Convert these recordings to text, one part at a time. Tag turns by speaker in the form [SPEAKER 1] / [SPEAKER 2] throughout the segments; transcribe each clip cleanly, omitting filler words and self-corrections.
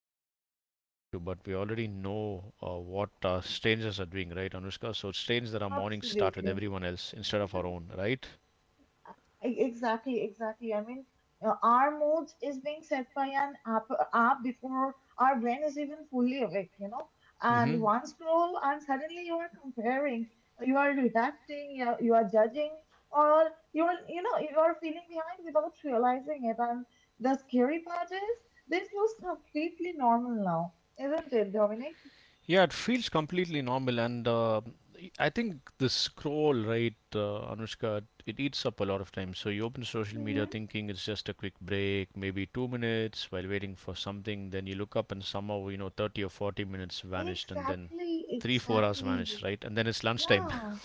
[SPEAKER 1] kind of day we're walking to, but we already know what strangers are doing, right, Anushka? So it's strange that our mornings start with
[SPEAKER 2] absolutely.
[SPEAKER 1] everyone else instead of our own, right?
[SPEAKER 2] Exactly, exactly. Our moods is being set by an app before our brain is even fully awake, you know. And
[SPEAKER 1] hmm
[SPEAKER 2] one scroll, and suddenly you are comparing, you are reacting, you are judging, or you are, you know, you are feeling behind without realizing it. And the scary part is, this looks completely normal now, isn't it, Dominic?
[SPEAKER 1] Yeah, it feels completely normal, and I think the scroll, right, Anushka, it eats up a lot of time. So you open social media
[SPEAKER 2] Mm-hmm.
[SPEAKER 1] thinking it's just a quick break, maybe 2 minutes while waiting for something. Then you look up, and somehow you know 30 or 40 minutes vanished, and then
[SPEAKER 2] Exactly,
[SPEAKER 1] three, 4 hours
[SPEAKER 2] exactly.
[SPEAKER 1] vanished, right? And then it's lunchtime
[SPEAKER 2] Yeah.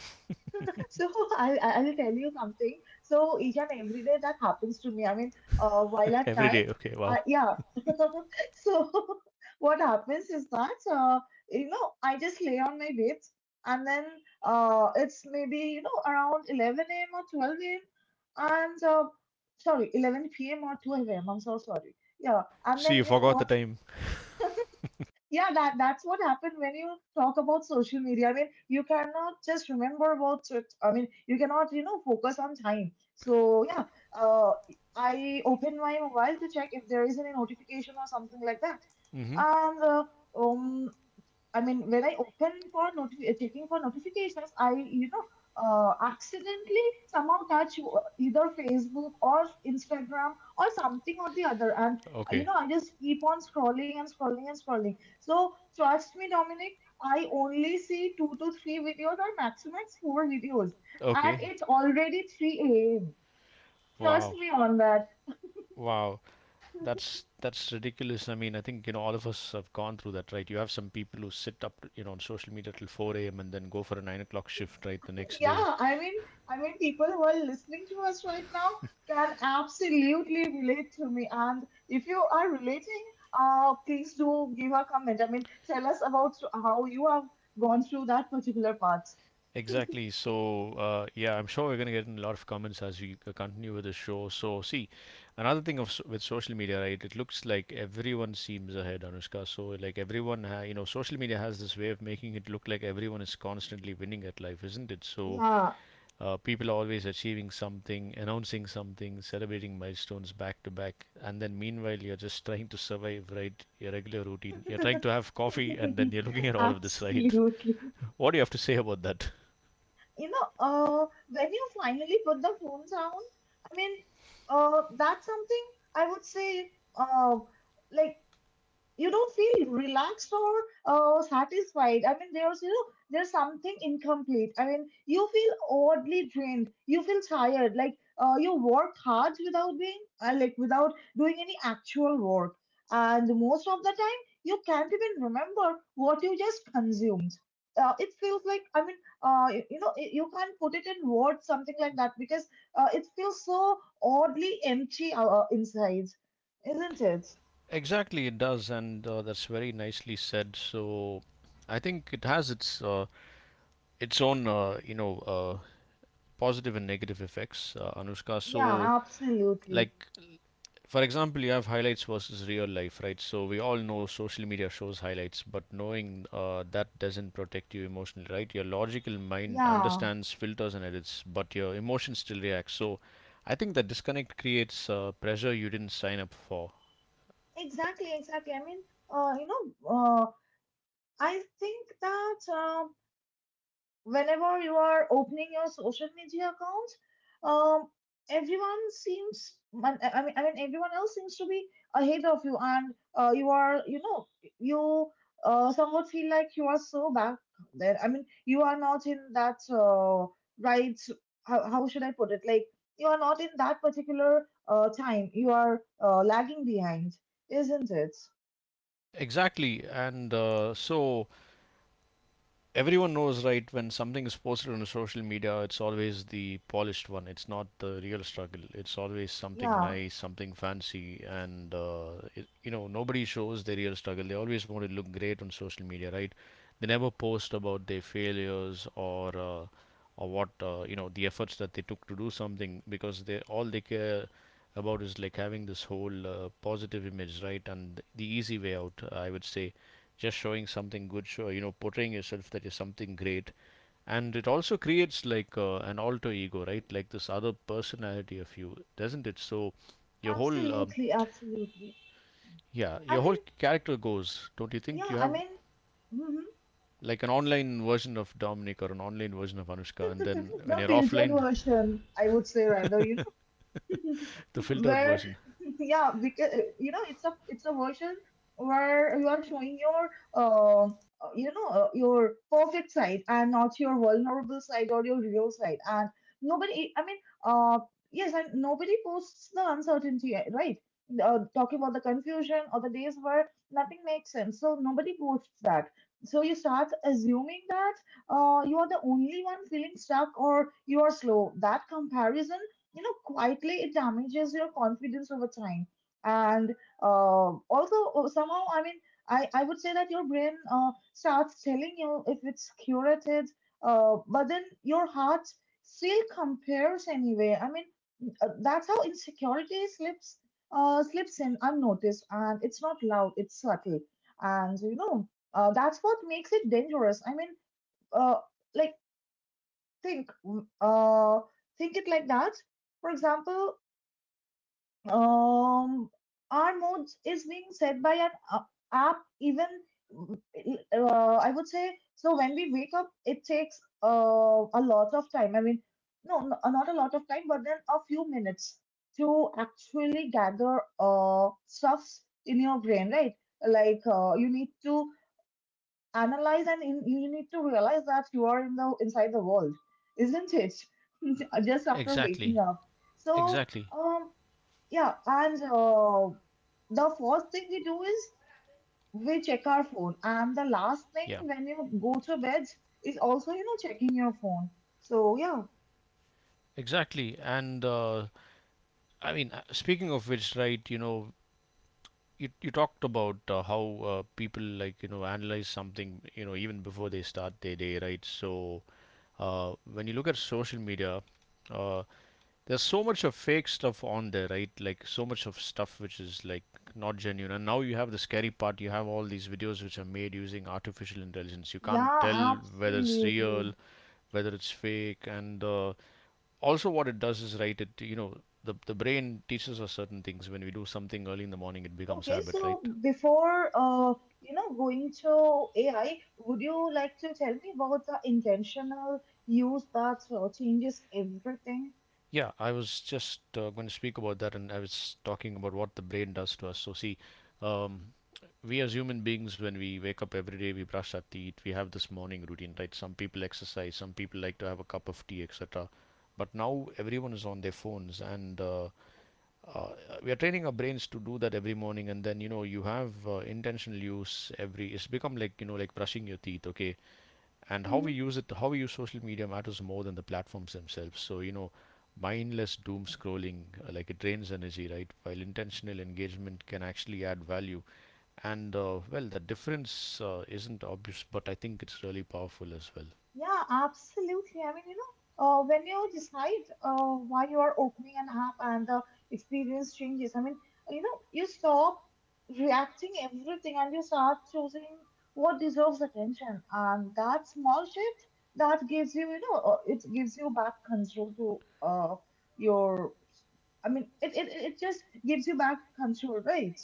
[SPEAKER 2] So I'll tell you something. So each and every day that happens to me. While at
[SPEAKER 1] every day.
[SPEAKER 2] night,
[SPEAKER 1] Okay, wow.
[SPEAKER 2] yeah. So what happens is that, I just lay on my bed, and then it's maybe, you know, around 11 a.m. or 12 a.m. and, uh, sorry, 11 p.m. or 12 a.m. I'm so sorry. Yeah. And
[SPEAKER 1] See,
[SPEAKER 2] then,
[SPEAKER 1] you
[SPEAKER 2] you know
[SPEAKER 1] forgot the
[SPEAKER 2] what?
[SPEAKER 1] time.
[SPEAKER 2] Yeah, that's what happened. When you talk about social media, I mean, you cannot just remember about it. I mean, you cannot, you know, focus on time. So yeah, uh, I open my mobile to check if there is any notification or something like that.
[SPEAKER 1] Mm-hmm.
[SPEAKER 2] And uh, um I mean, when I open for checking for notifications, I, you know, accidentally somehow touch either Facebook or Instagram or something or the other. And, uh, you
[SPEAKER 1] Okay,
[SPEAKER 2] know, I just keep on scrolling and scrolling and scrolling. So, trust me, Dominic, I only see two to three videos, or maximum four videos. And
[SPEAKER 1] okay,
[SPEAKER 2] it's already 3 a.m. Trust
[SPEAKER 1] wow,
[SPEAKER 2] me on that.
[SPEAKER 1] wow. That's ridiculous. I mean, I think you know all of us have gone through that, right? You have some people who sit up, to, you know, on social media till 4 a.m. and then go for a 9 o'clock shift, right, the next day.
[SPEAKER 2] Yeah, I mean, I mean, people who are listening to us right now can absolutely relate to me. And if you are relating, please do give a comment. I mean, tell us about how you have gone through that particular part.
[SPEAKER 1] Exactly. So, yeah, I'm sure we're going to get in a lot of comments as we continue with the show. So, see, another thing of with social media, right? It looks like everyone seems ahead, Anushka. So, like everyone, you know, social media has this way of making it look like everyone is constantly winning at life, isn't it? So,
[SPEAKER 2] Yeah.
[SPEAKER 1] people are always achieving something, announcing something, celebrating milestones back to back, and then meanwhile you're just trying to survive, right? Your regular routine. You're trying to have coffee, and then you're looking at all of this, right?
[SPEAKER 2] Absolutely.
[SPEAKER 1] What do you have to say about that?
[SPEAKER 2] You know, when you finally put the phone down, I mean, that's something I would say, uh, like, you don't feel relaxed or satisfied. I mean, there's, you know, there's something incomplete. I mean, you feel oddly drained. You feel tired. Like, you worked hard without being, without doing any actual work. And most of the time, you can't even remember what you just consumed. It feels like, I mean, you know, you can't put it in words, something like that, because it feels so oddly empty inside, isn't it?
[SPEAKER 1] Exactly, it does, and that's very nicely said. So, I think it has its own positive and negative effects, Anushka.
[SPEAKER 2] Yeah,
[SPEAKER 1] So,
[SPEAKER 2] absolutely.
[SPEAKER 1] like. For example, you have highlights versus real life, right? So we all know social media shows highlights, but knowing that doesn't protect you emotionally, right? Your logical mind
[SPEAKER 2] Yeah,
[SPEAKER 1] understands, filters, and edits, but your emotion still reacts. So I think that disconnect creates pressure you didn't sign up for.
[SPEAKER 2] exactly, exactly. Uh, you know, uh, I think that, whenever you are opening your social media accounts, um, everyone seems, I mean, everyone else seems to be ahead of you, and you are, you know, you somewhat feel like you are so back there. I mean, you are not in that, right. How should I put it? Like, you are not in that particular time. You are lagging behind, isn't it?
[SPEAKER 1] Exactly. And so everyone knows, right, when something is posted on the social media, it's always the polished one, it's not the real struggle, it's always something
[SPEAKER 2] Yeah,
[SPEAKER 1] nice, something fancy, and you know, nobody shows their real struggle, they always want to look great on social media, right? They never post about their failures or or what you know, the efforts that they took to do something, because they all they care about is like having this whole positive image, right? And the easy way out, I would say, just showing something good, show, you know, portraying yourself that you're something great. And it also creates like an alter ego, right? Like this other personality of you, doesn't it? So your whole
[SPEAKER 2] absolutely, absolutely.
[SPEAKER 1] yeah,
[SPEAKER 2] I
[SPEAKER 1] your whole
[SPEAKER 2] mean,
[SPEAKER 1] character goes. Don't you think
[SPEAKER 2] yeah,
[SPEAKER 1] you
[SPEAKER 2] I
[SPEAKER 1] have
[SPEAKER 2] mean. Mhm.
[SPEAKER 1] like an online version of Dominic or an online version of Anushka, and then
[SPEAKER 2] The
[SPEAKER 1] when you're
[SPEAKER 2] filtered
[SPEAKER 1] offline,
[SPEAKER 2] version, I would say rather, you
[SPEAKER 1] the filtered
[SPEAKER 2] where
[SPEAKER 1] version.
[SPEAKER 2] yeah, because you know, it's a version where you are showing your uh your perfect side, and not your vulnerable side or your real side. And nobody, I mean uh yes, and nobody posts the uncertainty, right, talking about the confusion or the days where nothing makes sense. So nobody posts that. So you start assuming that you are the only one feeling stuck, or you are slow. That comparison, you know, quietly it damages your confidence over time. And also, somehow, I mean, I would say that your brain starts telling you if it's curated, but then your heart still compares anyway. I mean, that's how insecurity slips in unnoticed, and it's not loud, it's subtle. And you know, that's what makes it dangerous. Uh, like, think, mm, uh, think it like that. For example, um our moods is being set by an app even, I would say. So when we wake up, it takes a lot of time. I mean no, no uh, not a lot of time, but then a few minutes to actually gather stuffs in your brain, right? Like, you need to you need to realize that you are in the inside the world, isn't it? Just after waking
[SPEAKER 1] Exactly,
[SPEAKER 2] up. so
[SPEAKER 1] exactly,
[SPEAKER 2] um yeah, and the first thing we do is we check our phone, and the last thing
[SPEAKER 1] yeah,
[SPEAKER 2] when you go to bed is also, you know, checking your phone. So yeah,
[SPEAKER 1] exactly. And I mean, speaking of which, right? You know, you talked about how people like you know analyze something, you know, even before they start their day, right? So when you look at social media. Uh, There's so much of fake stuff on there, right? Like so much of stuff which is like not genuine. And now you have the scary part. You have all these videos which are made using artificial intelligence. You can't
[SPEAKER 2] yeah,
[SPEAKER 1] tell whether it's
[SPEAKER 2] absolutely.
[SPEAKER 1] real, whether it's fake, and also what it does is right. It you know the brain teaches us certain things. When we do something early in the morning, it becomes
[SPEAKER 2] Okay,
[SPEAKER 1] habit, right?
[SPEAKER 2] so before going to AI, would you like to tell me about the intentional use that changes everything?
[SPEAKER 1] Yeah, I was just going to speak about that, and I was talking about what the brain does to us. So, see, um, we as human beings, when we wake up every day, we brush our teeth, we have this morning routine, right? Some people exercise, some people like to have a cup of tea, etc. But now everyone is on their phones, and uh, we are training our brains to do that every morning. And then you know you have intentional use every. It's become like you know like brushing your teeth, okay? And how
[SPEAKER 2] Mm-hmm.
[SPEAKER 1] we use it, how we use social media matters more than the platforms themselves. So you know mindless doom scrolling, like it drains energy, right, while intentional engagement can actually add value. And well, the difference isn't obvious, but I think it's really powerful as well.
[SPEAKER 2] Yeah, absolutely. When you decide why you are opening an app, and the experience changes, I mean, you know, you stop reacting everything, and you start choosing what deserves attention. And that small shift that gives you, you know, it gives you back control to uh, your. I mean, it just gives you back control, right?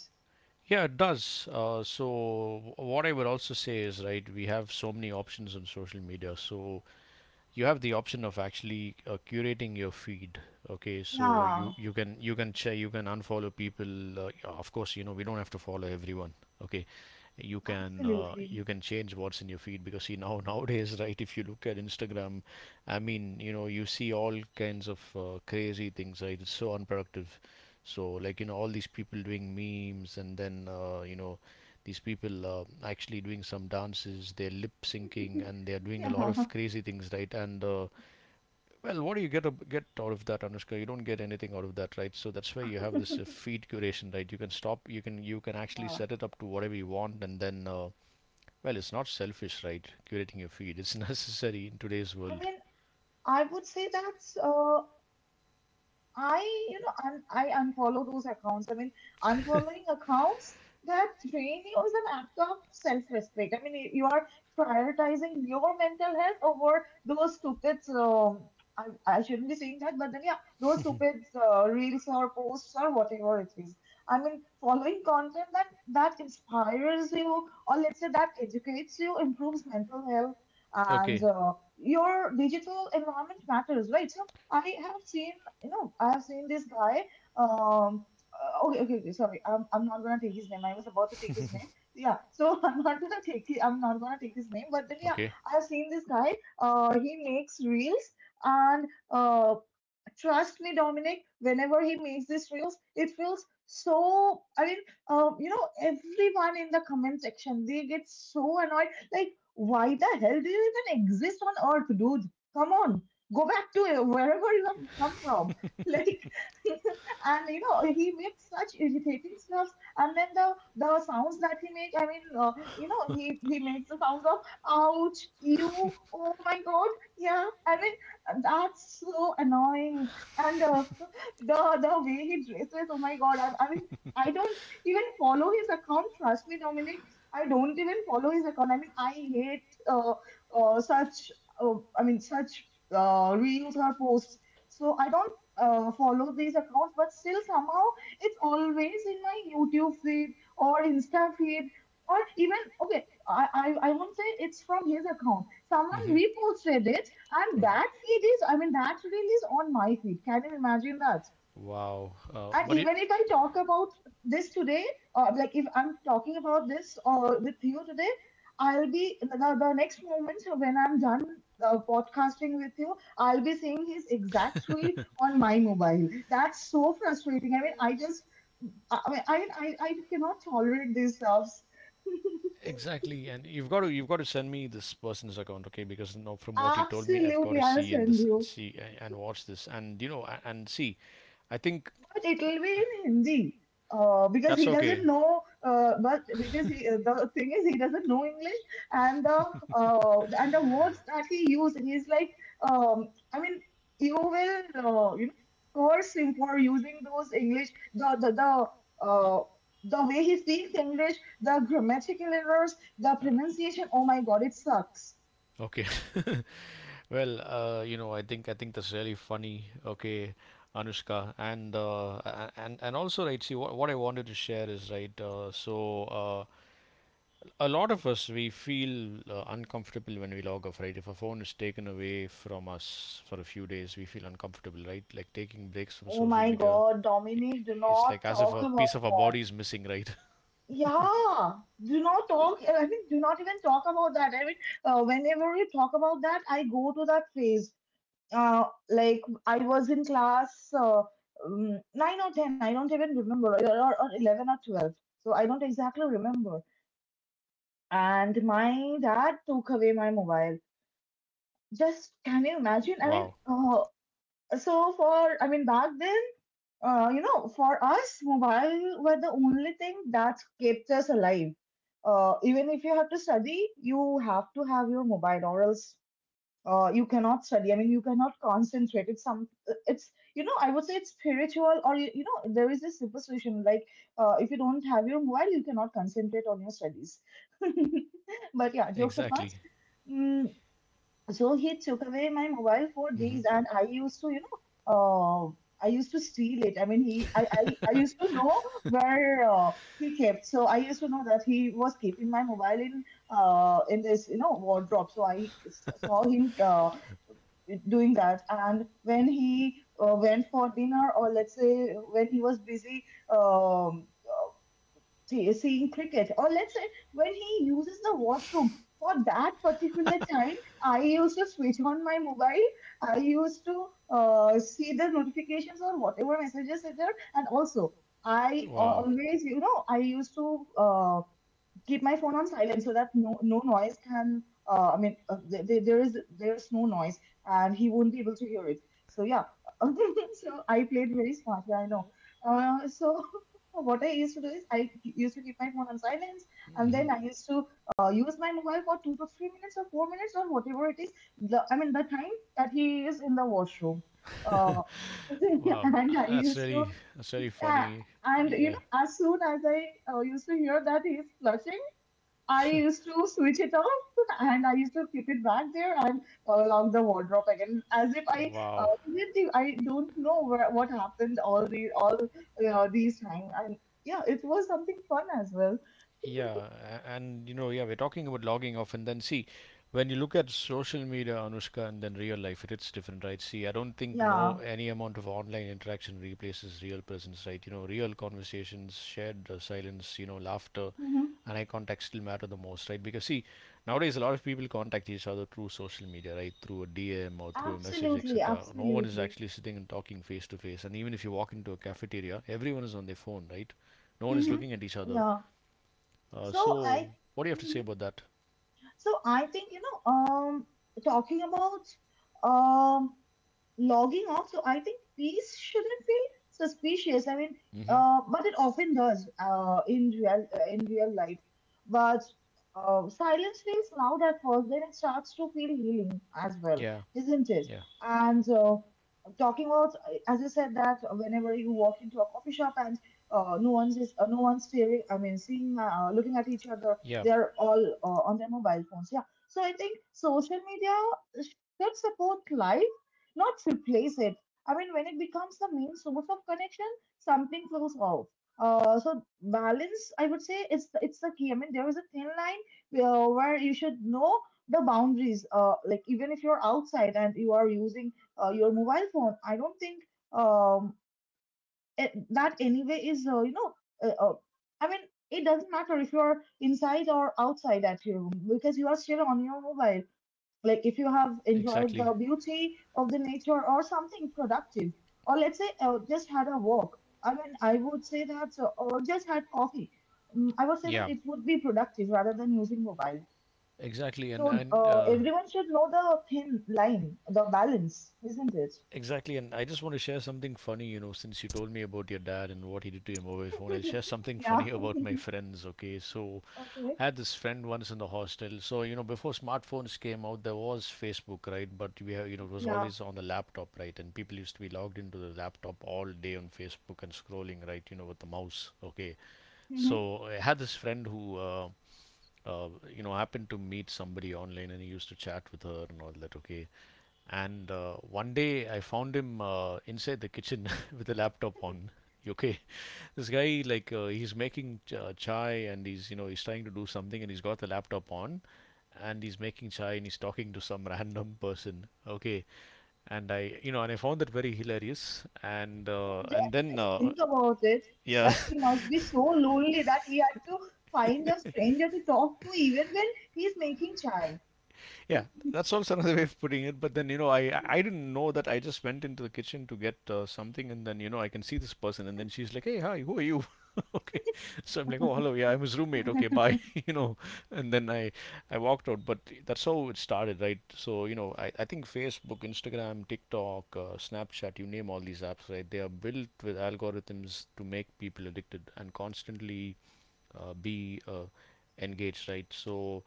[SPEAKER 1] Yeah, it does. So, what I would also say is, right, we have so many options on social media. So, you have the option of actually curating your feed. Okay, so you
[SPEAKER 2] Yeah,
[SPEAKER 1] you can you can che you can unfollow people, yeah, of course, you know, we don't have to follow everyone. Okay,
[SPEAKER 2] absolutely.
[SPEAKER 1] you can change what's in your feed, because see now nowadays, right, if you look at Instagram, I mean you know you see all kinds of crazy things, right? It's so unproductive. So like you know all these people doing memes and then you know these people actually doing some dances, they're lip syncing, and they're doing a
[SPEAKER 2] Yeah.
[SPEAKER 1] lot of crazy things, right? And well, what do you get out of that, Anushka? You don't get anything out of that, right? So that's why you have this feed curation, right? You can stop, you can actually
[SPEAKER 2] Yeah.
[SPEAKER 1] set it up to whatever you want, and then well, it's not selfish, right? Curating your feed, it's necessary in today's
[SPEAKER 2] I
[SPEAKER 1] world.
[SPEAKER 2] mean, I would say that's I, you know, I unfollow those accounts. I mean, unfollowing accounts that drain you is an act of self-respect. I mean, you are prioritizing your mental health over those stupid. I shouldn't be saying that, but then yeah, those stupid reels or posts or whatever it is. I mean, following content that inspires you, or let's say that educates you, improves mental health, and
[SPEAKER 1] Okay.
[SPEAKER 2] your digital environment matters, right? So I have seen, you know, I have seen this guy. Um, okay, okay, okay, sorry. I'm not gonna take his name. I was about to take his name. Yeah, so I'm not gonna take it. I'm not gonna take his name. But then yeah,
[SPEAKER 1] Okay.
[SPEAKER 2] I have seen this guy. He makes reels, and trust me, Dominic, whenever he makes these reels, it feels so. I mean, you know, everyone in the comment section, they get so annoyed. Like, why the hell do you even exist on Earth, dude? Come on, go back to wherever you have come from. Like, and you know, he makes such irritating stuffs. And then the sounds that he makes, you know, he makes the sounds of ouch, you, oh my god, yeah. I mean, and that's so annoying. And the way he dresses, oh my god! I mean, I don't even follow his account. Trust me, Dominic. I don't even follow his account. I mean, I hate uh, such, such reels or posts. So I don't follow these accounts. But still, somehow it's always in my YouTube feed or Insta feed, or even okay. I won't say it's from his account. Someone
[SPEAKER 1] hmm
[SPEAKER 2] reposted it, and that feed is, I mean, that reel is on my feed. Can you imagine that?
[SPEAKER 1] Wow.
[SPEAKER 2] And
[SPEAKER 1] But you,
[SPEAKER 2] even if I talk about this today, or like if I'm talking about this with you today, I'll be the next moment when I'm done podcasting with you, I'll be seeing his exact reel on my mobile. That's so frustrating. I mean, I just, I mean, I cannot tolerate these stuffs.
[SPEAKER 1] exactly, and you've got to send me this person's account, okay? Because now from what you told me, I've got
[SPEAKER 2] Absolutely,
[SPEAKER 1] to
[SPEAKER 2] I'll
[SPEAKER 1] see and
[SPEAKER 2] send you.
[SPEAKER 1] and watch this, and you know and see. I think
[SPEAKER 2] But it will be in Hindi. Because
[SPEAKER 1] that's
[SPEAKER 2] he
[SPEAKER 1] okay.
[SPEAKER 2] doesn't know, but because he, The thing is, he doesn't know English, and the and the words that he used, he's like, I mean, you will, curse him for using those English, the the the
[SPEAKER 1] Y-
[SPEAKER 2] uh, the way he speaks English, the grammatical errors, the pronunciation. Oh my God, it sucks.
[SPEAKER 1] Okay. Well, you know, I think that's really funny. Okay, Anushka, and and also right. See, what I wanted to share is right. A lot of us we feel uncomfortable when we log off, right? If a phone is taken away from us for a few days, we feel uncomfortable, right? Like taking breaks from
[SPEAKER 2] Oh
[SPEAKER 1] social
[SPEAKER 2] my
[SPEAKER 1] media,
[SPEAKER 2] God, Dominic, do
[SPEAKER 1] it's
[SPEAKER 2] not
[SPEAKER 1] like as if
[SPEAKER 2] talk
[SPEAKER 1] a
[SPEAKER 2] about.
[SPEAKER 1] piece of our body is missing, right?
[SPEAKER 2] Yeah, do not talk. I mean, do not even talk about that. I mean, whenever we talk about that, I go to that phase. Like I was in class nine or ten. I don't even remember, or 11 or 12. So I don't exactly remember. And my dad took away my mobile. Just, can you imagine? I mean,
[SPEAKER 1] Wow.
[SPEAKER 2] so for, I mean back then, you know, for us, mobile were the only thing that kept us alive. Even if you have to study, you have to have your mobile, or else you cannot study. I mean, you cannot concentrate. It's, I would say it's spiritual, or you know, there is this superstition like, if you don't have your mobile, you cannot concentrate on your studies. But yeah, jokes apart,
[SPEAKER 1] Exactly.
[SPEAKER 2] mm, so he took away my mobile for days,
[SPEAKER 1] hmm
[SPEAKER 2] and I used to, I used to steal it. I mean, I used to know where he kept. So I used to know that he was keeping my mobile in this, you know, wardrobe. So saw him doing that. And when he went for dinner, or let's say when he was busy, um seeing cricket, or let's say when he uses the washroom. For that particular time, I used to switch on my mobile. I used to see the notifications or whatever messages are there, and also
[SPEAKER 1] wow,
[SPEAKER 2] always, you know, I used to uh keep my phone on silent so that no noise can, I mean, there is no noise and he won't be able to hear it. So yeah. So I played very smartly, I know. So what I used to do is I used to keep my phone on silence, and then I used to use my mobile for 2 to 3 minutes or 4 minutes or whatever it is, the, I mean the time that he is in the washroom. uh,
[SPEAKER 1] wow.
[SPEAKER 2] and I
[SPEAKER 1] That's
[SPEAKER 2] used to,
[SPEAKER 1] very, that's very
[SPEAKER 2] uh,
[SPEAKER 1] funny.
[SPEAKER 2] and you
[SPEAKER 1] Yeah,
[SPEAKER 2] know, as soon as I used to hear that he's flushing, I used to switch it off. And I used to keep it back there and along the wardrobe again, as if I
[SPEAKER 1] wow.
[SPEAKER 2] didn't. I don't know where, what happened all you know, these times. And yeah, it was something fun as well.
[SPEAKER 1] Yeah, and you know, yeah, we're talking about logging off, and then see, when you look at social media, Anushka, and then real life, it is different, right? See, I don't think no
[SPEAKER 2] Yeah,
[SPEAKER 1] any amount of online interaction replaces real presence, right? You know, real conversations, shared silence, you know, laughter,
[SPEAKER 2] hmm.
[SPEAKER 1] and eye contact still matter the most, right? Because see, nowadays a lot of people contact each other through social media, right? Through a DM or through a message,
[SPEAKER 2] Absolutely,
[SPEAKER 1] etc. No one is
[SPEAKER 2] absolutely.
[SPEAKER 1] actually sitting and talking face to face, and even if you walk into a cafeteria, everyone is on their phone, right? No one is
[SPEAKER 2] Hmm.
[SPEAKER 1] looking at each other.
[SPEAKER 2] Yeah. So
[SPEAKER 1] So,
[SPEAKER 2] I,
[SPEAKER 1] what do you have to say
[SPEAKER 2] mhm.
[SPEAKER 1] about that?
[SPEAKER 2] So I think, you know, talking about um logging off. So I think peace shouldn't feel suspicious. I mean,
[SPEAKER 1] Hmm
[SPEAKER 2] but it often does, in real life. But silence feels loud at first, then it starts to feel healing as well,
[SPEAKER 1] Yeah,
[SPEAKER 2] isn't it?
[SPEAKER 1] yeah,
[SPEAKER 2] And talking about, as you said, that whenever you walk into a coffee shop and no one's is, no one's staring. I mean, seeing, looking at each other,
[SPEAKER 1] yeah,
[SPEAKER 2] they're all on their mobile phones. Yeah. So I think social media should support life, not replace it. I mean, when it becomes the main source of connection, something flows off. So balance, I would say, it's the key. I mean, there is a thin line where you should know the boundaries. Like, even if you're outside and you are using your mobile phone, I don't think um it, that anyway is, uh, uh, I mean, it doesn't matter if you're inside or outside at your room, because you are still on your mobile. Like, if you have enjoyed the
[SPEAKER 1] exactly.
[SPEAKER 2] beauty of the nature or something productive, or let's say just had a walk, I would say that, or just had coffee, I would say that
[SPEAKER 1] Yeah,
[SPEAKER 2] it would be productive rather than using mobile.
[SPEAKER 1] exactly. And
[SPEAKER 2] So
[SPEAKER 1] and uh,
[SPEAKER 2] everyone should know the thin line, the balance, isn't it?
[SPEAKER 1] exactly. And I just want to share something funny. You know, since you told me about your dad and what he did to your mobile phone, I'll share something
[SPEAKER 2] Yeah.
[SPEAKER 1] funny about my friends. Okay, so
[SPEAKER 2] Okay.
[SPEAKER 1] I had this friend once in the hostel. So you know, before smartphones came out, there was Facebook, right? But we have, you know, it was
[SPEAKER 2] Yeah.
[SPEAKER 1] always on the laptop, right? And people used to be logged into the laptop all day on Facebook and scrolling, right? You know, with the mouse. Okay,
[SPEAKER 2] Hmm.
[SPEAKER 1] so I had this friend who. Uh, you know, happened to meet somebody online, and he used to chat with her and all that, okay. And 1 day I found him inside the kitchen with a laptop on. You okay, this guy, like he's making chai, and he's you know he's trying to do something and he's got the laptop on, and he's making chai and he's talking to some random person. Okay, and I found that very hilarious,
[SPEAKER 2] So
[SPEAKER 1] and then
[SPEAKER 2] just think about it, that
[SPEAKER 1] yeah.
[SPEAKER 2] he must be so lonely that he had to find a stranger to talk to even when he's making chai.
[SPEAKER 1] Yeah, that's also another way of putting it. But then, you know, I didn't know that. I just went into the kitchen to get something, and then, you know, I can see this person, and then she's like, "Hey, hi, who are you?" Okay, so I'm like, "Oh, hello, yeah, I'm his roommate. Okay, bye," you know, and then I walked out. But that's how it started, right? So you know, I think Facebook, Instagram, TikTok, Snapchat, you name all these apps, right? They are built with algorithms to make people addicted and constantly be uh, engaged, right? So,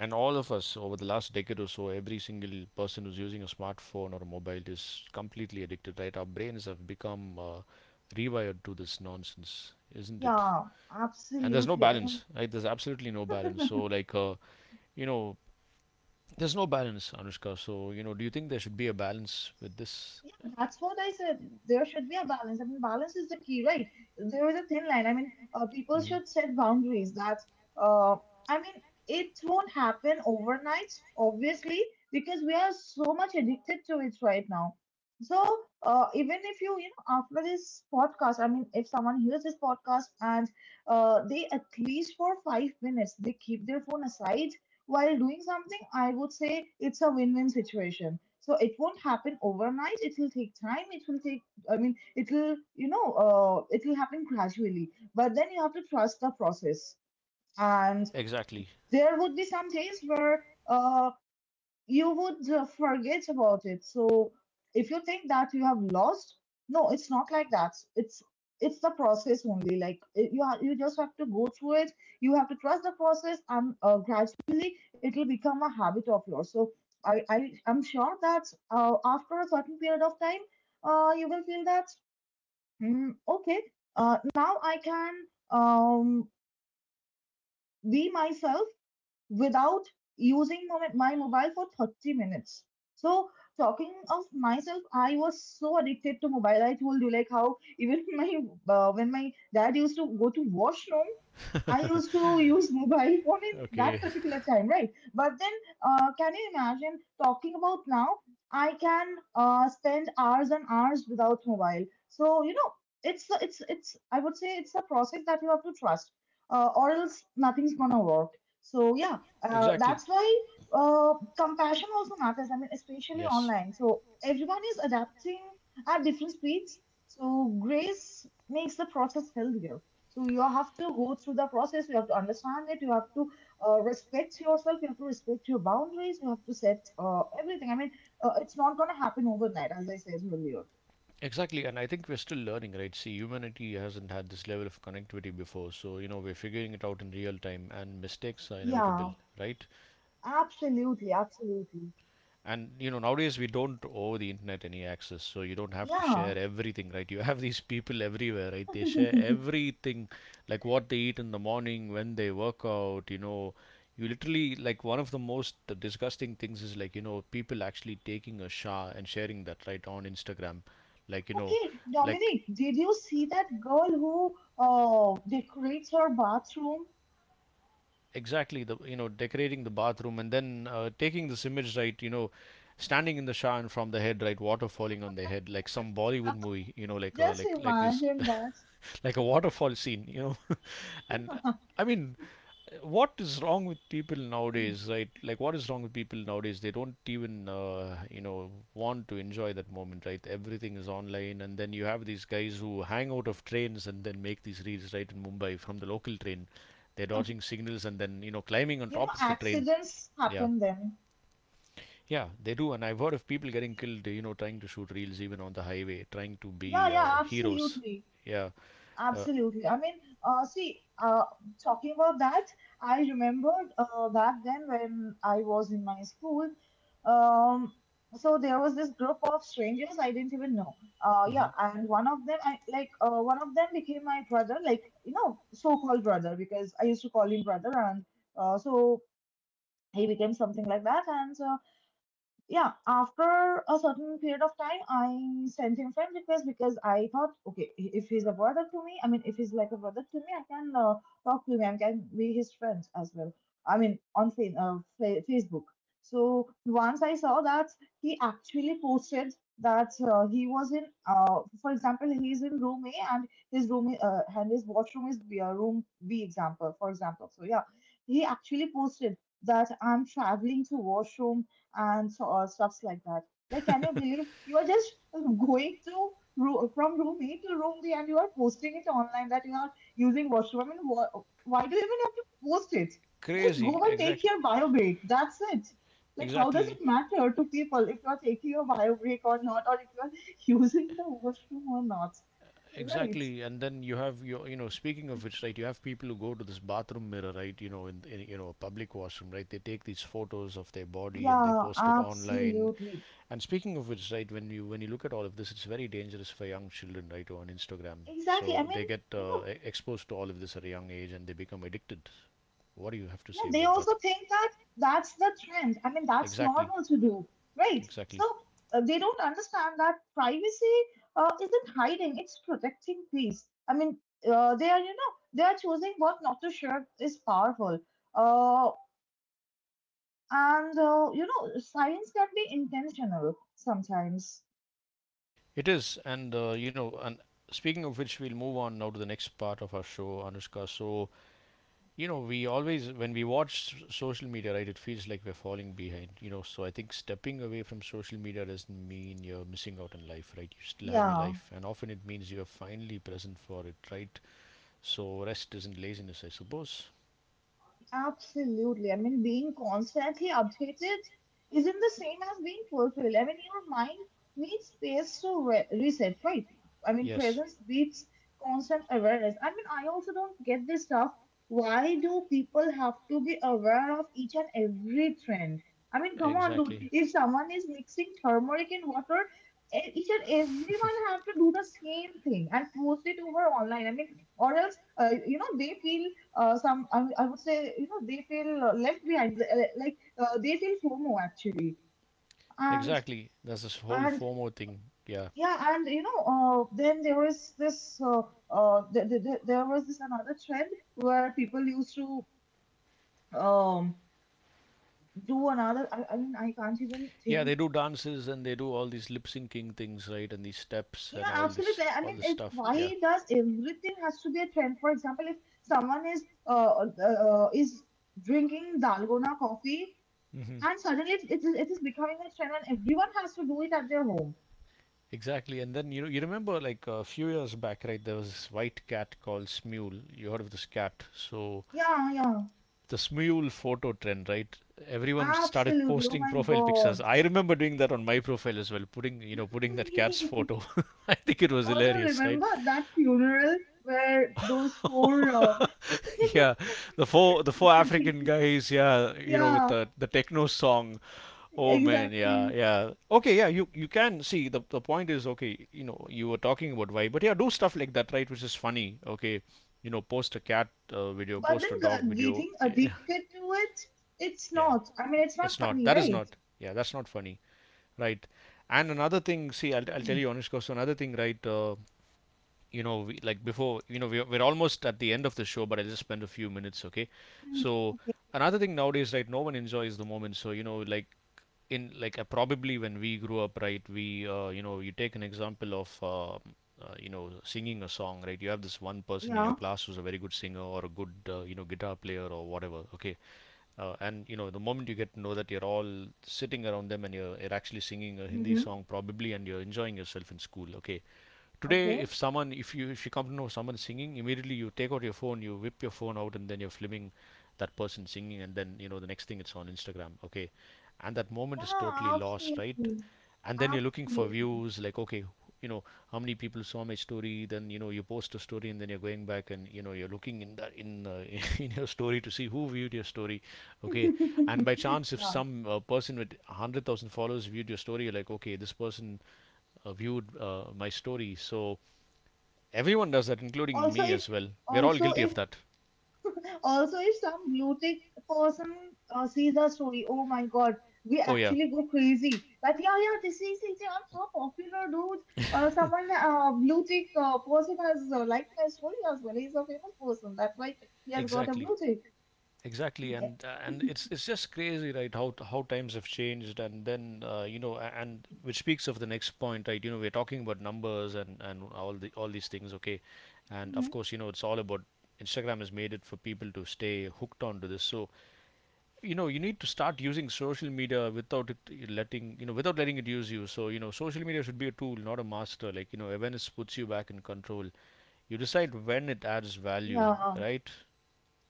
[SPEAKER 1] and all of us over the last decade or so, every single person who's using a smartphone or a mobile is completely addicted, right? Our brains have become rewired to this nonsense, isn't it?
[SPEAKER 2] Yeah,
[SPEAKER 1] And there's no
[SPEAKER 2] absolutely. I mean,
[SPEAKER 1] balance, right? There's absolutely no balance. So, like, you know, there's no balance, Anushka. So, you know, do you think there should be a balance with this?
[SPEAKER 2] yeah, that's what I said. There should be a balance. I mean, balance is the key, right? There is a thin line. I mean, people
[SPEAKER 1] Hmm.
[SPEAKER 2] should set boundaries. Uh, I mean, it won't happen overnight, obviously, because we are so much addicted to it right now. So, even if you, you know, after this podcast, I mean, if someone hears this podcast and they, at least for 5 minutes, they keep their phone aside while doing something, I would say it's a win-win situation. So it won't happen overnight, it will take time, it will take, it will happen gradually, but then you have to trust the process. And
[SPEAKER 1] Exactly.
[SPEAKER 2] there would be some days where you would forget about it. So if you think that you have lost, no, it's not like that. It's the process only. Like, you just have to go through it. You have to trust the process, and gradually it will become a habit of yours. So I am sure that after a certain period of time, you will feel that, mm, okay, now I can um be myself without using my mobile for 30 minutes. So, talking of myself, I was so addicted to mobile. I told you, like, how even my when my dad used to go to washroom, I used to use mobile phone in
[SPEAKER 1] Okay.
[SPEAKER 2] that particular time, right? But then, can you imagine talking about now? I can spend hours and hours without mobile. So, you know, it's it's. I would say it's a process that you have to trust, or else nothing's gonna work. So yeah,
[SPEAKER 1] Exactly.
[SPEAKER 2] that's why compassion also matters. I mean, especially
[SPEAKER 1] Yes.
[SPEAKER 2] online. So everyone is adapting at different speeds. So grace makes the process healthier. So you have to go through the process. You have to understand it. You have to respect yourself. You have to respect your boundaries. You have to set everything. I mean, it's not going to happen overnight, as I said earlier.
[SPEAKER 1] Exactly, and I think we're still learning, right? See, humanity hasn't had this level of connectivity before, so you know we're figuring it out in real time, and mistakes are inevitable,
[SPEAKER 2] Yeah,
[SPEAKER 1] right?
[SPEAKER 2] absolutely, absolutely.
[SPEAKER 1] And you know nowadays we don't owe the internet any access, so you don't have to
[SPEAKER 2] Yeah.
[SPEAKER 1] share everything, right? You have these people everywhere, right? They share everything, like what they eat in the morning, when they work out, you know. You literally, like, one of the most disgusting things is like, you know, people actually taking a shower and sharing that right on Instagram, like you know,
[SPEAKER 2] Okay,
[SPEAKER 1] like
[SPEAKER 2] Dominic, did you see that girl who decorates her bathroom?
[SPEAKER 1] exactly the, you know, decorating the bathroom and then taking this image, right, you know, standing in the shower, and from the head, right, water falling on their head, like some Bollywood movie, you know, like a
[SPEAKER 2] Just
[SPEAKER 1] like this,
[SPEAKER 2] imagine that.
[SPEAKER 1] like a waterfall scene, you know. And I mean, what is wrong with people nowadays, right? Like, what is wrong with people nowadays? They don't even want to enjoy that moment, right? Everything is online, and then you have these guys who hang out of trains and then make these reels, right, in Mumbai from the local train. They're dodging signals and then, you know, climbing on
[SPEAKER 2] You know,
[SPEAKER 1] top of the train.
[SPEAKER 2] accidents
[SPEAKER 1] Yeah.
[SPEAKER 2] happen then.
[SPEAKER 1] Yeah, they do. And I've heard of people getting killed, you know, trying to shoot reels even on the highway, trying to
[SPEAKER 2] Yeah,
[SPEAKER 1] be
[SPEAKER 2] yeah,
[SPEAKER 1] heroes.
[SPEAKER 2] absolutely.
[SPEAKER 1] Yeah. Uh,
[SPEAKER 2] Absolutely. I mean, uh, see, uh, talking about that, I remembered, back then when I was in my school. Um, so there was this group of strangers I didn't even know.
[SPEAKER 1] mhm.
[SPEAKER 2] Yeah, and one of them, one of them became my brother, like, you know, so-called brother, because I used to call him brother. And so he became something like that. And yeah, after a certain period of time, I sent him friend request, because I thought, okay, if he's a brother to me, I mean, if he's like a brother to me, I can talk to him and can be his friend as well. I mean, on Facebook. So once I saw that he actually posted that he was in, for example, he's in room A and his room, and his washroom is B, room B example, for example. So yeah, he actually posted that, "I'm traveling to washroom," and so stuffs like that. Like, can you believe you are just going to from room A to room B, and you are posting it online that you are using washroom? I mean, why do you even have to post it? Just
[SPEAKER 1] Crazy.
[SPEAKER 2] go and take
[SPEAKER 1] Exactly.
[SPEAKER 2] your bio break. That's it. Like, how does it
[SPEAKER 1] Exactly.
[SPEAKER 2] matter to people if you are taking your bio break or not, or if you are using the washroom or not? Right.
[SPEAKER 1] Exactly. And then you have your, you know, speaking of which, right, you have people who go to this bathroom mirror, right, you know, in, you know, a public washroom, right? They take these photos of their body and they
[SPEAKER 2] Yeah,
[SPEAKER 1] post it online.
[SPEAKER 2] absolutely.
[SPEAKER 1] And speaking of which, right, when you look at all of this, it's very dangerous for young children, right, on Instagram.
[SPEAKER 2] Exactly. I
[SPEAKER 1] So
[SPEAKER 2] mean,
[SPEAKER 1] they get
[SPEAKER 2] you know,
[SPEAKER 1] exposed to all of this at a young age, and they become addicted. What do you have to
[SPEAKER 2] yeah,
[SPEAKER 1] say
[SPEAKER 2] they
[SPEAKER 1] about that?
[SPEAKER 2] also think that that's the trend. I mean, that's
[SPEAKER 1] Exactly,
[SPEAKER 2] normal to do, right? So
[SPEAKER 1] exactly.
[SPEAKER 2] they don't understand that privacy isn't hiding; it's protecting peace. I mean, they are, you know, they are choosing what not to share is powerful. Uh, and you know, science can be intentional sometimes.
[SPEAKER 1] It is, and speaking of which, we'll move on now to the next part of our show, Anushka. So you know, we always, when we watch social media, right, it feels like we're falling behind, you know. So I think stepping away from social media doesn't mean you're missing out on life, right? You still have your
[SPEAKER 2] Yeah.
[SPEAKER 1] life, and often it means you're finally present for it, right? So rest isn't laziness, I suppose.
[SPEAKER 2] Absolutely. I mean, being constantly updated isn't the same as being fulfilled. I mean, your mind needs space to reset, right? I mean,
[SPEAKER 1] Yes.
[SPEAKER 2] presence beats constant awareness. I mean, I also don't get this stuff. Why do people have to be aware of each and every trend? I mean, come on, dude.
[SPEAKER 1] Exactly.
[SPEAKER 2] If someone is mixing turmeric in water, each and everyone have to do the same thing and post it over online. I mean, or else, they feel I would say they feel left behind like they feel FOMO actually. And
[SPEAKER 1] Exactly, that's this whole
[SPEAKER 2] and
[SPEAKER 1] FOMO thing. Yeah,
[SPEAKER 2] And then there was this there was this another trend where people used to, um, do another, I mean I can't even
[SPEAKER 1] yeah, they
[SPEAKER 2] think.
[SPEAKER 1] do dances and they do all these lip syncing things, right, and these steps and
[SPEAKER 2] Yeah,
[SPEAKER 1] all this,
[SPEAKER 2] absolutely. I
[SPEAKER 1] all
[SPEAKER 2] mean,
[SPEAKER 1] this stuff.
[SPEAKER 2] why
[SPEAKER 1] Yeah.
[SPEAKER 2] does everything has to be a trend? For example, if someone is drinking dalgona coffee. And suddenly it is becoming a trend and everyone has to do it at their home.
[SPEAKER 1] Exactly. And then, you know, you remember like a few years back, right? There was this white cat called Smule. You heard of this cat? So
[SPEAKER 2] Yeah, yeah.
[SPEAKER 1] the Smule photo trend, right? Everyone started
[SPEAKER 2] Absolutely. Oh
[SPEAKER 1] posting
[SPEAKER 2] my
[SPEAKER 1] profile pictures.
[SPEAKER 2] God.
[SPEAKER 1] I remember doing that on my profile as well, putting, you know, putting that cat's photo. I think it was
[SPEAKER 2] Also,
[SPEAKER 1] hilarious, right?
[SPEAKER 2] remember that funeral where those four
[SPEAKER 1] Yeah, the four African guys, yeah, you know, with
[SPEAKER 2] yeah,
[SPEAKER 1] the techno song. Oh man, yeah,
[SPEAKER 2] exactly.
[SPEAKER 1] yeah. Okay, yeah, you can see the point is, okay, you know, you were talking about why, but yeah, do stuff like that, right? Which is funny. Okay, you know, post a cat video,
[SPEAKER 2] But then
[SPEAKER 1] post a dog video.
[SPEAKER 2] getting
[SPEAKER 1] Yeah,
[SPEAKER 2] addicted to it, it's
[SPEAKER 1] yeah,
[SPEAKER 2] not. I mean, it's not
[SPEAKER 1] it's not.
[SPEAKER 2] funny,
[SPEAKER 1] That is
[SPEAKER 2] right?
[SPEAKER 1] not. Yeah, that's not funny, right? And another thing, see, I'll tell
[SPEAKER 2] Mm.
[SPEAKER 1] you honest, because another thing, right? You know we, like before, you know, we're almost at the end of the show, but I just spent a few minutes, okay.
[SPEAKER 2] Mhm.
[SPEAKER 1] So another thing nowadays, right, no one enjoys the moment. So you know, like, in, like probably when we grew up, right, we you take an example of you know, singing a song, right? You have this one person in your
[SPEAKER 2] Yeah.
[SPEAKER 1] class who's a very good singer or a good guitar player or whatever, okay. And you know, the moment you get to know that, you're all sitting around them and you're actually singing a Hindi
[SPEAKER 2] Mm-hmm.
[SPEAKER 1] song probably, and you're enjoying yourself in school. Okay, today
[SPEAKER 2] Okay.
[SPEAKER 1] if someone, if you come to know someone singing, immediately you take out your phone, you whip your phone out, and then you're filming that person singing, and then you know the next thing it's on Instagram. Okay, and that moment is totally
[SPEAKER 2] Yeah,
[SPEAKER 1] lost, right?
[SPEAKER 2] absolutely.
[SPEAKER 1] And then you're looking for
[SPEAKER 2] Absolutely.
[SPEAKER 1] views, like, okay, you know, how many people saw my story? Then, you know, you post a story, and then you're going back, and you know, you're looking in that, in in your story to see who viewed your story, okay. And by chance, if
[SPEAKER 2] Yeah.
[SPEAKER 1] some person with 100,000 followers viewed your story, you're like, okay, this person viewed my story. So everyone does that, including
[SPEAKER 2] Also,
[SPEAKER 1] me
[SPEAKER 2] if
[SPEAKER 1] as well. We're all
[SPEAKER 2] also
[SPEAKER 1] guilty
[SPEAKER 2] if
[SPEAKER 1] of that.
[SPEAKER 2] Also, if some blue tick person sees the story, oh my God, we
[SPEAKER 1] Oh yeah.
[SPEAKER 2] actually go crazy. Like, yeah, yeah, this is it. Yeah, I'm so popular, dude. Someone, blue tick person has liked my story as well. He's a famous person. That's why he has got a
[SPEAKER 1] Exactly.
[SPEAKER 2] blue tick.
[SPEAKER 1] Exactly, and it's just crazy, right? How how times have changed, and then and which speaks of the next point, right? You know, we're talking about numbers and all the, all these things, okay? And of
[SPEAKER 2] Mhm.
[SPEAKER 1] course, you know, it's all about Instagram has made it for people to stay hooked onto this. So you know, you need to start using social media without letting, you know, without letting it use you. So you know, social media should be a tool, not a master. Like, you know, awareness puts you back in control. You decide when it adds value,
[SPEAKER 2] Yeah.
[SPEAKER 1] right?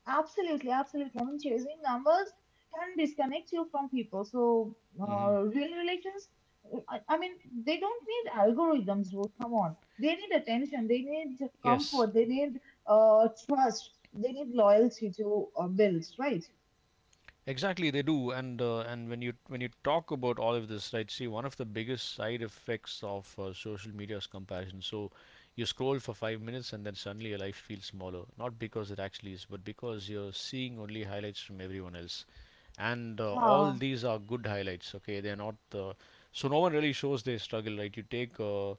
[SPEAKER 2] Absolutely, absolutely. I mean, chasing numbers can disconnect you from people. So,
[SPEAKER 1] Hmm.
[SPEAKER 2] real relations, I mean, they don't need algorithms, bro. Come on. They need attention, they need
[SPEAKER 1] Yes.
[SPEAKER 2] comfort, they need trust, they need loyalty to build, right?
[SPEAKER 1] Exactly, they do, and when you talk about all of this, right? See, one of the biggest side effects of social media is comparison. So, you scroll for 5 minutes, and then suddenly your life feels smaller, not because it actually is, but because you're seeing only highlights from everyone else, and all
[SPEAKER 2] Yeah,
[SPEAKER 1] these are good highlights, okay, they're not so no one really shows their struggle, right? you take uh,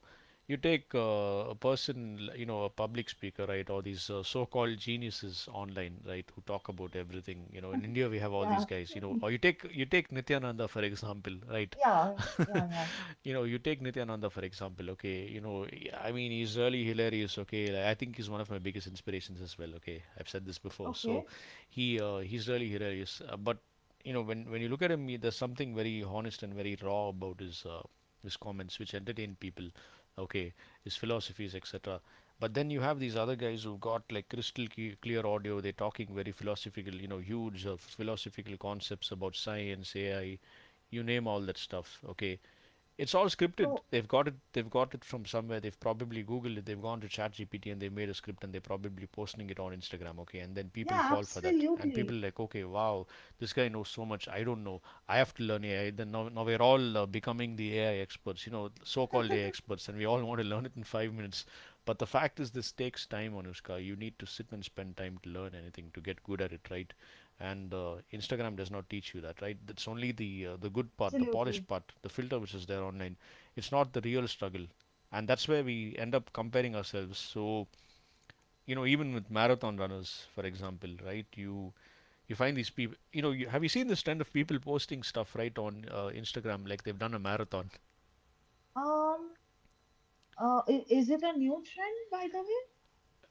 [SPEAKER 1] you take uh, a person, you know, a public speaker, right, or these so-called geniuses online, right, who talk about everything, you know, in India we have all
[SPEAKER 2] yeah,
[SPEAKER 1] these guys, you know. Or you take Nityananda, for example, right?
[SPEAKER 2] yeah, yeah, yeah.
[SPEAKER 1] You know, you take Nityananda, for example. Okay, you know, I mean, he's really hilarious. Okay, like, I think he's one of my biggest inspirations as well, okay. I've said this before. So
[SPEAKER 2] Okay.
[SPEAKER 1] he he's really hilarious. But you know, when you look at him, he, there's something very honest and very raw about his comments, which entertain people. Okay, his philosophies, etc. But then you have these other guys who've got like crystal clear clear audio. They're talking very philosophical, you know, huge philosophical concepts about science, AI, you name all that stuff. Okay, it's all scripted.
[SPEAKER 2] So,
[SPEAKER 1] They've got it. They've got it from somewhere. They've probably Googled it. They've gone to ChatGPT and they've made a script and they're probably posting it on Instagram. Okay, and then people
[SPEAKER 2] yeah,
[SPEAKER 1] fall for that. And people
[SPEAKER 2] absolutely,
[SPEAKER 1] like, okay, wow, this guy knows so much. I don't know. I have to learn AI. Now we're all becoming the AI experts. You know, so-called AI experts, and we all want to learn it in 5 minutes. But the fact is, this takes time, Anushka. You need to sit and spend time to learn anything to get good at it, right? And Instagram does not teach you that, right? That's only the good part, the
[SPEAKER 2] absolutely.
[SPEAKER 1] polished part, the filter which is there online. It's not the real struggle, and that's where we end up comparing ourselves. So, you know, even with marathon runners for example, right? You find these people, you know, have you seen this trend of people posting stuff, right, on Instagram, like they've done a marathon?
[SPEAKER 2] Um, is it a new trend, by the way?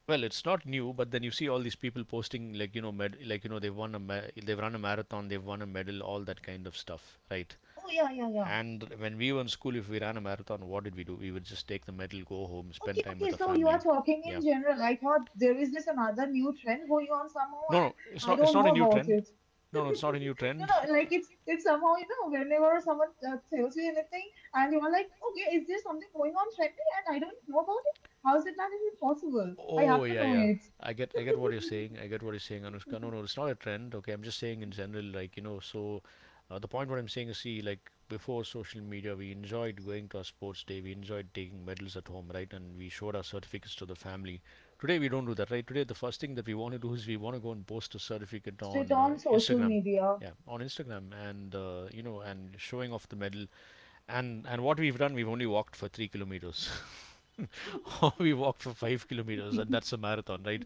[SPEAKER 1] Well, it's not new, but then you see all these people posting like, you know, like, you know, they've they've run a marathon, they've won a medal, all that kind of stuff, right?
[SPEAKER 2] Oh, yeah, yeah, yeah.
[SPEAKER 1] And when we were in school, if we ran a marathon, what did we do? We would just take the medal, go home,
[SPEAKER 2] Okay,
[SPEAKER 1] spend time with
[SPEAKER 2] okay,
[SPEAKER 1] the
[SPEAKER 2] so you
[SPEAKER 1] family.
[SPEAKER 2] are talking in
[SPEAKER 1] Yeah.
[SPEAKER 2] general. I thought there is this another new trend going on somehow,
[SPEAKER 1] No,
[SPEAKER 2] and
[SPEAKER 1] no, it's
[SPEAKER 2] I
[SPEAKER 1] not. It's
[SPEAKER 2] don't
[SPEAKER 1] not
[SPEAKER 2] know
[SPEAKER 1] a new
[SPEAKER 2] about
[SPEAKER 1] trend.
[SPEAKER 2] it.
[SPEAKER 1] No, no, it's not a new
[SPEAKER 2] No,
[SPEAKER 1] trend.
[SPEAKER 2] no, like it's somehow you know whenever someone tells you anything, and you are like, okay, is there something going on trendy, and I don't know about it? How is it not even possible? I
[SPEAKER 1] Oh
[SPEAKER 2] have to
[SPEAKER 1] yeah,
[SPEAKER 2] know
[SPEAKER 1] yeah.
[SPEAKER 2] it
[SPEAKER 1] I get what you're saying. I get what you're saying, Anushka. No, no, it's not a trend. Okay, I'm just saying in general, like you know. So, the point what I'm saying is, see, like before social media, we enjoyed going to our sports day. We enjoyed taking medals at home, right? And we showed our certificates to the family. Today we don't do that, right? Today the first thing that we want to do is we want to go and post a certificate
[SPEAKER 2] straight
[SPEAKER 1] on
[SPEAKER 2] on social
[SPEAKER 1] Instagram.
[SPEAKER 2] media.
[SPEAKER 1] Yeah, on Instagram, and you know, and showing off the medal, and what we've done, we've only walked for 3 kilometers, or we walked for 5 kilometers, and that's a marathon, right?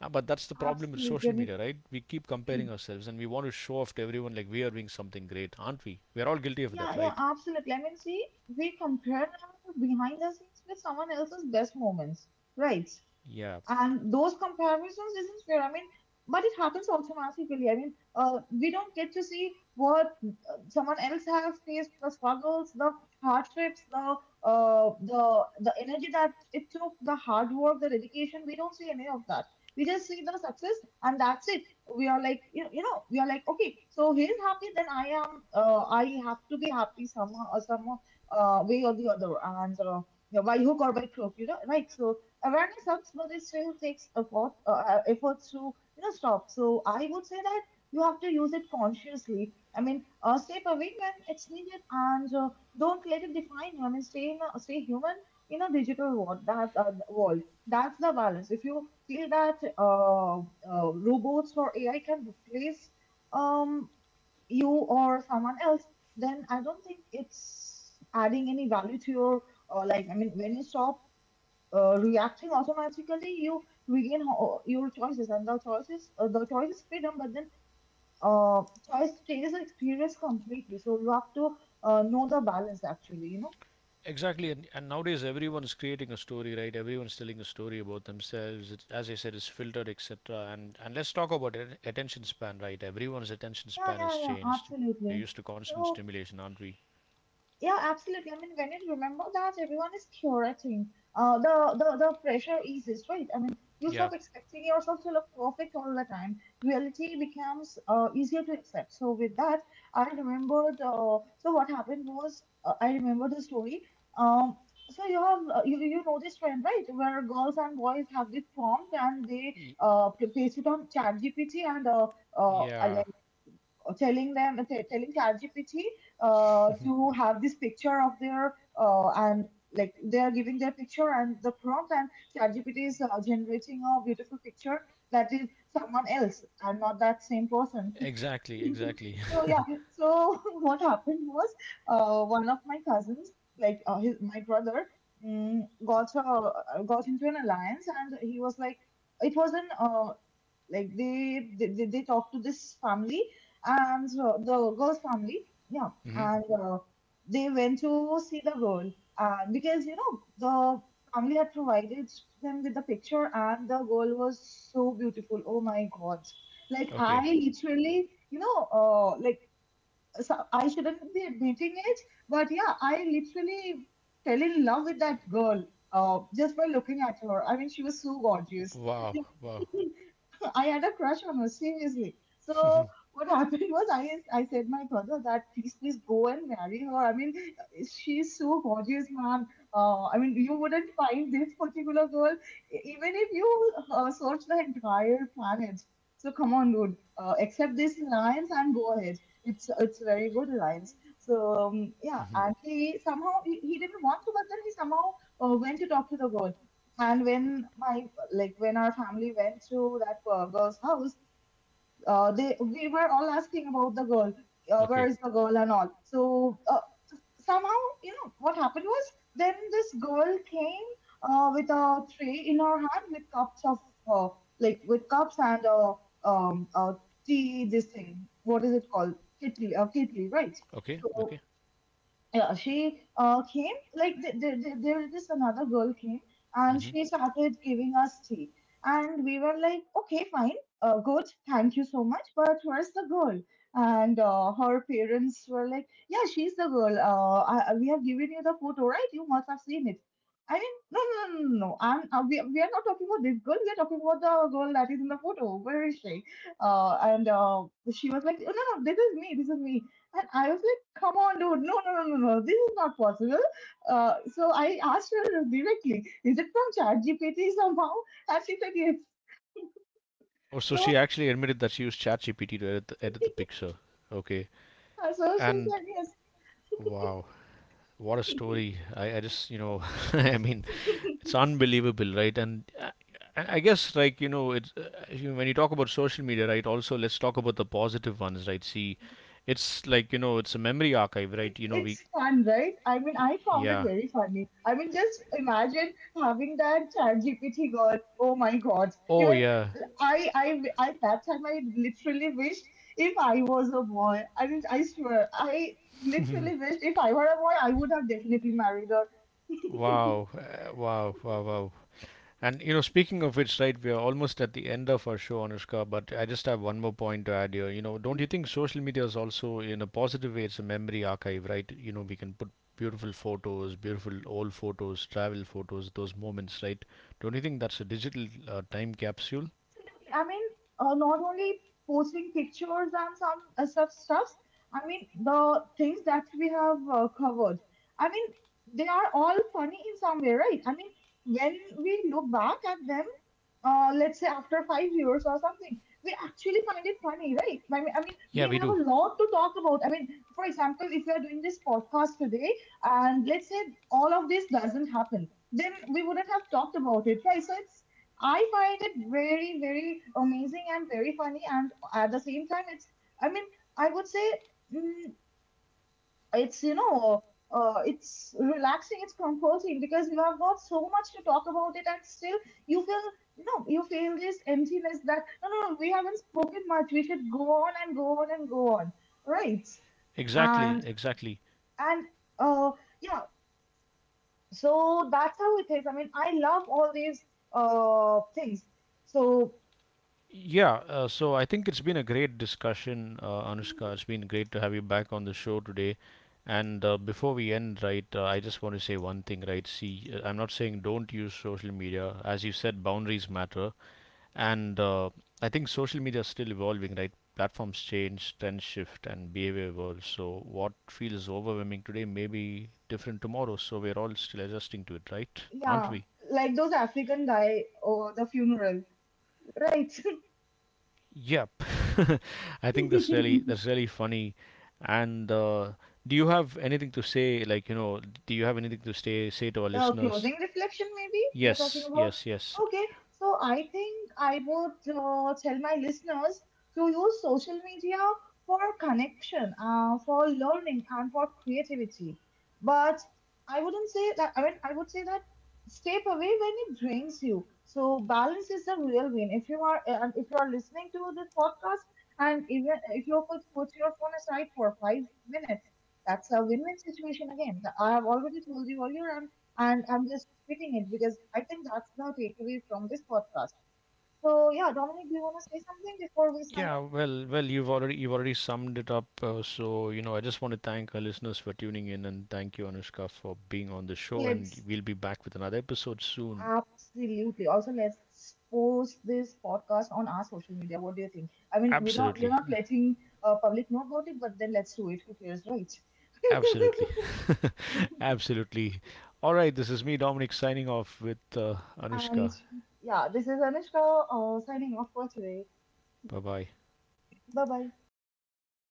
[SPEAKER 1] But that's the problem with
[SPEAKER 2] Absolutely. I
[SPEAKER 1] social
[SPEAKER 2] mean,
[SPEAKER 1] media, right? We keep comparing ourselves, and we want to show off to everyone like we are doing something great, aren't we? We are all guilty of
[SPEAKER 2] yeah,
[SPEAKER 1] that,
[SPEAKER 2] yeah,
[SPEAKER 1] right?
[SPEAKER 2] absolutely. I mean, see, we compare our behind the scenes with someone else's best moments, right?
[SPEAKER 1] Yeah,
[SPEAKER 2] And those comparisons isn't fair. I mean, but it happens automatically. I mean, we don't get to see what someone else has faced: the struggles, the hardships, the uh, the the energy that it took, the hard work, the dedication. We don't see any of that. We just see the success, and that's it. We are like, we are like, okay, so he's happy, then I am I have to be happy somehow, or somehow, way or the other. And Yeah, by hook or by crook, you know, right? So awareness helps, but it still takes effort, efforts to, you know, stop. So I would say that you have to use it consciously. I mean, step away when it's needed, and don't let it define you. I mean, stay human in a digital world. That's the balance. If you feel that robots or AI can replace, um you or someone else, then I don't think it's adding any value to your life. I mean, when you stop reacting automatically, you regain your choices, and the choice is freedom, but then uh, choice changes the experience completely. So you have to know the balance, actually. You know?
[SPEAKER 1] exactly. And nowadays, everyone's creating a story, right? Everyone's telling a story about themselves. It, as I said, it's filtered, etc. And let's talk about it, attention span, right? Everyone's attention
[SPEAKER 2] Yeah,
[SPEAKER 1] span has
[SPEAKER 2] yeah, yeah,
[SPEAKER 1] changed. We're
[SPEAKER 2] absolutely.
[SPEAKER 1] used to constant
[SPEAKER 2] So
[SPEAKER 1] stimulation, aren't we?
[SPEAKER 2] yeah, absolutely. I mean, when you remember that everyone is curating, the pressure eases, right? I mean, you
[SPEAKER 1] Yeah.
[SPEAKER 2] stop expecting yourself to look perfect all the time. Reality becomes easier to accept. So with that, I remembered. So what happened was, I remember the story. Um, so you have you you know this trend, right? Where girls and boys have this prompt and they
[SPEAKER 1] Y-
[SPEAKER 2] place it on ChatGPT and uh,
[SPEAKER 1] Yeah.
[SPEAKER 2] telling them telling ChatGPT to have this picture of their and like they are giving their picture and the prompt and ChatGPT is generating a beautiful picture that is someone else and not that same person.
[SPEAKER 1] Exactly, exactly.
[SPEAKER 2] So yeah, so what happened was, one of my cousins, like my brother, mm, got uh, got into an alliance and he was like, it was an like they talk to this family and the girl's family. Yeah,
[SPEAKER 1] Hmm.
[SPEAKER 2] and they went to see the girl because you know the family had provided them with the picture and the girl was so beautiful. Oh my God! Like
[SPEAKER 1] Okay.
[SPEAKER 2] I literally, you know, like, so I shouldn't be admitting it, but yeah, I literally fell in love with that girl just by looking at her. I mean, she was so gorgeous.
[SPEAKER 1] Wow. Wow.
[SPEAKER 2] I had a crush on her, seriously. So what happened was, I said my brother that please please go and marry her. I mean, she's so gorgeous, man. I mean you wouldn't find this particular girl even if you search the entire planet. So come on, dude. Accept this alliance and go ahead. It's a very good alliance. So yeah,
[SPEAKER 1] Hmm.
[SPEAKER 2] and he somehow he didn't want to, but then he somehow went to talk to the girl. And when my Like when our family went to that girl's house, they we were all asking about the girl, where
[SPEAKER 1] Okay.
[SPEAKER 2] is the girl and all. So somehow, you know, what happened was, then this girl came with a tray in her hand with cups of uh, like with cups and um uh, tea. This thing, what is it called? Kitli, kitli, right?
[SPEAKER 1] Okay.
[SPEAKER 2] So
[SPEAKER 1] Okay.
[SPEAKER 2] yeah, she came like there this another girl came and
[SPEAKER 1] Hmm.
[SPEAKER 2] she started giving us tea, and we were like, okay, fine, good, thank you so much, but where's the girl? And her parents were like, yeah, she's the girl. We have given you the photo, right? You must have seen it. I mean, no no no no no no. We are not talking about this girl, we are talking about the girl that is in the photo. Where is she? And She was like, "Oh, no no, this is me, this is me." And I was like, come on, dude, no, no, no, no, no, this is not possible. So I asked her directly, is it from ChatGPT somehow? And she said, yes.
[SPEAKER 1] Oh, so
[SPEAKER 2] So,
[SPEAKER 1] she actually admitted that she used ChatGPT to edit edit the picture. Okay.
[SPEAKER 2] so she
[SPEAKER 1] And
[SPEAKER 2] said, yes.
[SPEAKER 1] wow, what a story. I just, you know, I mean, it's unbelievable, right? And I guess, like, you know, it's, when you talk about social media, right, also let's talk about the positive ones, right? See, it's like, you know, it's a memory archive, right? You know,
[SPEAKER 2] It's
[SPEAKER 1] we,
[SPEAKER 2] fun, right? I mean, I found it
[SPEAKER 1] yeah.
[SPEAKER 2] very funny. I mean, just imagine having that ChatGPT girl. Oh my God!
[SPEAKER 1] Oh,
[SPEAKER 2] Even
[SPEAKER 1] yeah.
[SPEAKER 2] I that time I literally wished if I was a boy. I mean, I swear, I literally wished if I were a boy, I would have definitely married her.
[SPEAKER 1] Wow. Wow. Wow. Wow. And you know, speaking of which, right, we are almost at the end of our show, Anushka. But I just have one more point to add here. You know, don't you think social media is also, in a positive way, it's a memory archive, right? You know, we can put beautiful photos, beautiful old photos, travel photos, those moments, right? Don't you think that's a digital time capsule?
[SPEAKER 2] Absolutely. I mean, not only posting pictures and some such stuffs, I mean, the things that we have covered, I mean, they are all funny in some way, right? I mean, when we look back at them, let's say after 5 years or something, we actually find it funny, right? I mean, we
[SPEAKER 1] Yeah, we
[SPEAKER 2] have
[SPEAKER 1] do.
[SPEAKER 2] a lot to talk about. I mean, for example, if we are doing this podcast today, and let's say all of this doesn't happen, then we wouldn't have talked about it, right? So it's, I find it very, very amazing and very funny, and at the same time, it's, I mean, I would say, mm, it's you know, it's relaxing, it's comforting, because you have got so much to talk about it and still you feel, you know, you feel this emptiness that, no no no, we haven't spoken much, we should go on and go on and go on, right?
[SPEAKER 1] Exactly,
[SPEAKER 2] and
[SPEAKER 1] exactly.
[SPEAKER 2] and uh yeah. So that's how it is. I mean, I love all these things. So
[SPEAKER 1] Yeah, so I think it's been a great discussion, Anushka. It's been great to have you back on the show today. And before we end, right, I just want to say one thing, right? See, I'm not saying don't use social media. As you said, boundaries matter. And I think social media is still evolving, right? Platforms change, trends shift, and behavior evolves. So what feels overwhelming today may be different tomorrow. So we're all still adjusting to it, right? Aren't
[SPEAKER 2] yeah,
[SPEAKER 1] we?
[SPEAKER 2] like those African guy or the funeral, right?
[SPEAKER 1] Yep. I think that's really that's really funny. And do you have anything to say? Like, you know, do you have anything to say to our
[SPEAKER 2] The
[SPEAKER 1] listeners?
[SPEAKER 2] closing reflection, maybe you're talking
[SPEAKER 1] Yes,
[SPEAKER 2] about.
[SPEAKER 1] yes, yes.
[SPEAKER 2] Okay, so I think I would tell my listeners to use social media for connection, for learning, and for creativity. But I wouldn't say that, I would say that step away when it drains you. So balance is the real win. If you are listening to this podcast, and even if you could put your phone aside for 5 minutes, that's a win-win situation again. I have already told you earlier, and I'm just repeating it because I think that's the takeaway from this podcast. So yeah, Dominic, do you want to say something before we sign
[SPEAKER 1] Yeah,
[SPEAKER 2] off?
[SPEAKER 1] well, well, you've already summed it up. So, you know, I just want to thank our listeners for tuning in, and thank you, Anushka, for being on the show. And
[SPEAKER 2] Let's
[SPEAKER 1] we'll be back with another episode soon.
[SPEAKER 2] Absolutely. Also, let's post this podcast on our social media. What do you think? I mean, we're
[SPEAKER 1] Absolutely,
[SPEAKER 2] not letting public know about it, but then let's do it. Who cares, right?
[SPEAKER 1] absolutely, absolutely. All right, this is me, Dominic, signing off with
[SPEAKER 2] And
[SPEAKER 1] Anushka.
[SPEAKER 2] yeah, this is Anushka signing off for today.
[SPEAKER 1] Bye bye.
[SPEAKER 2] Bye bye.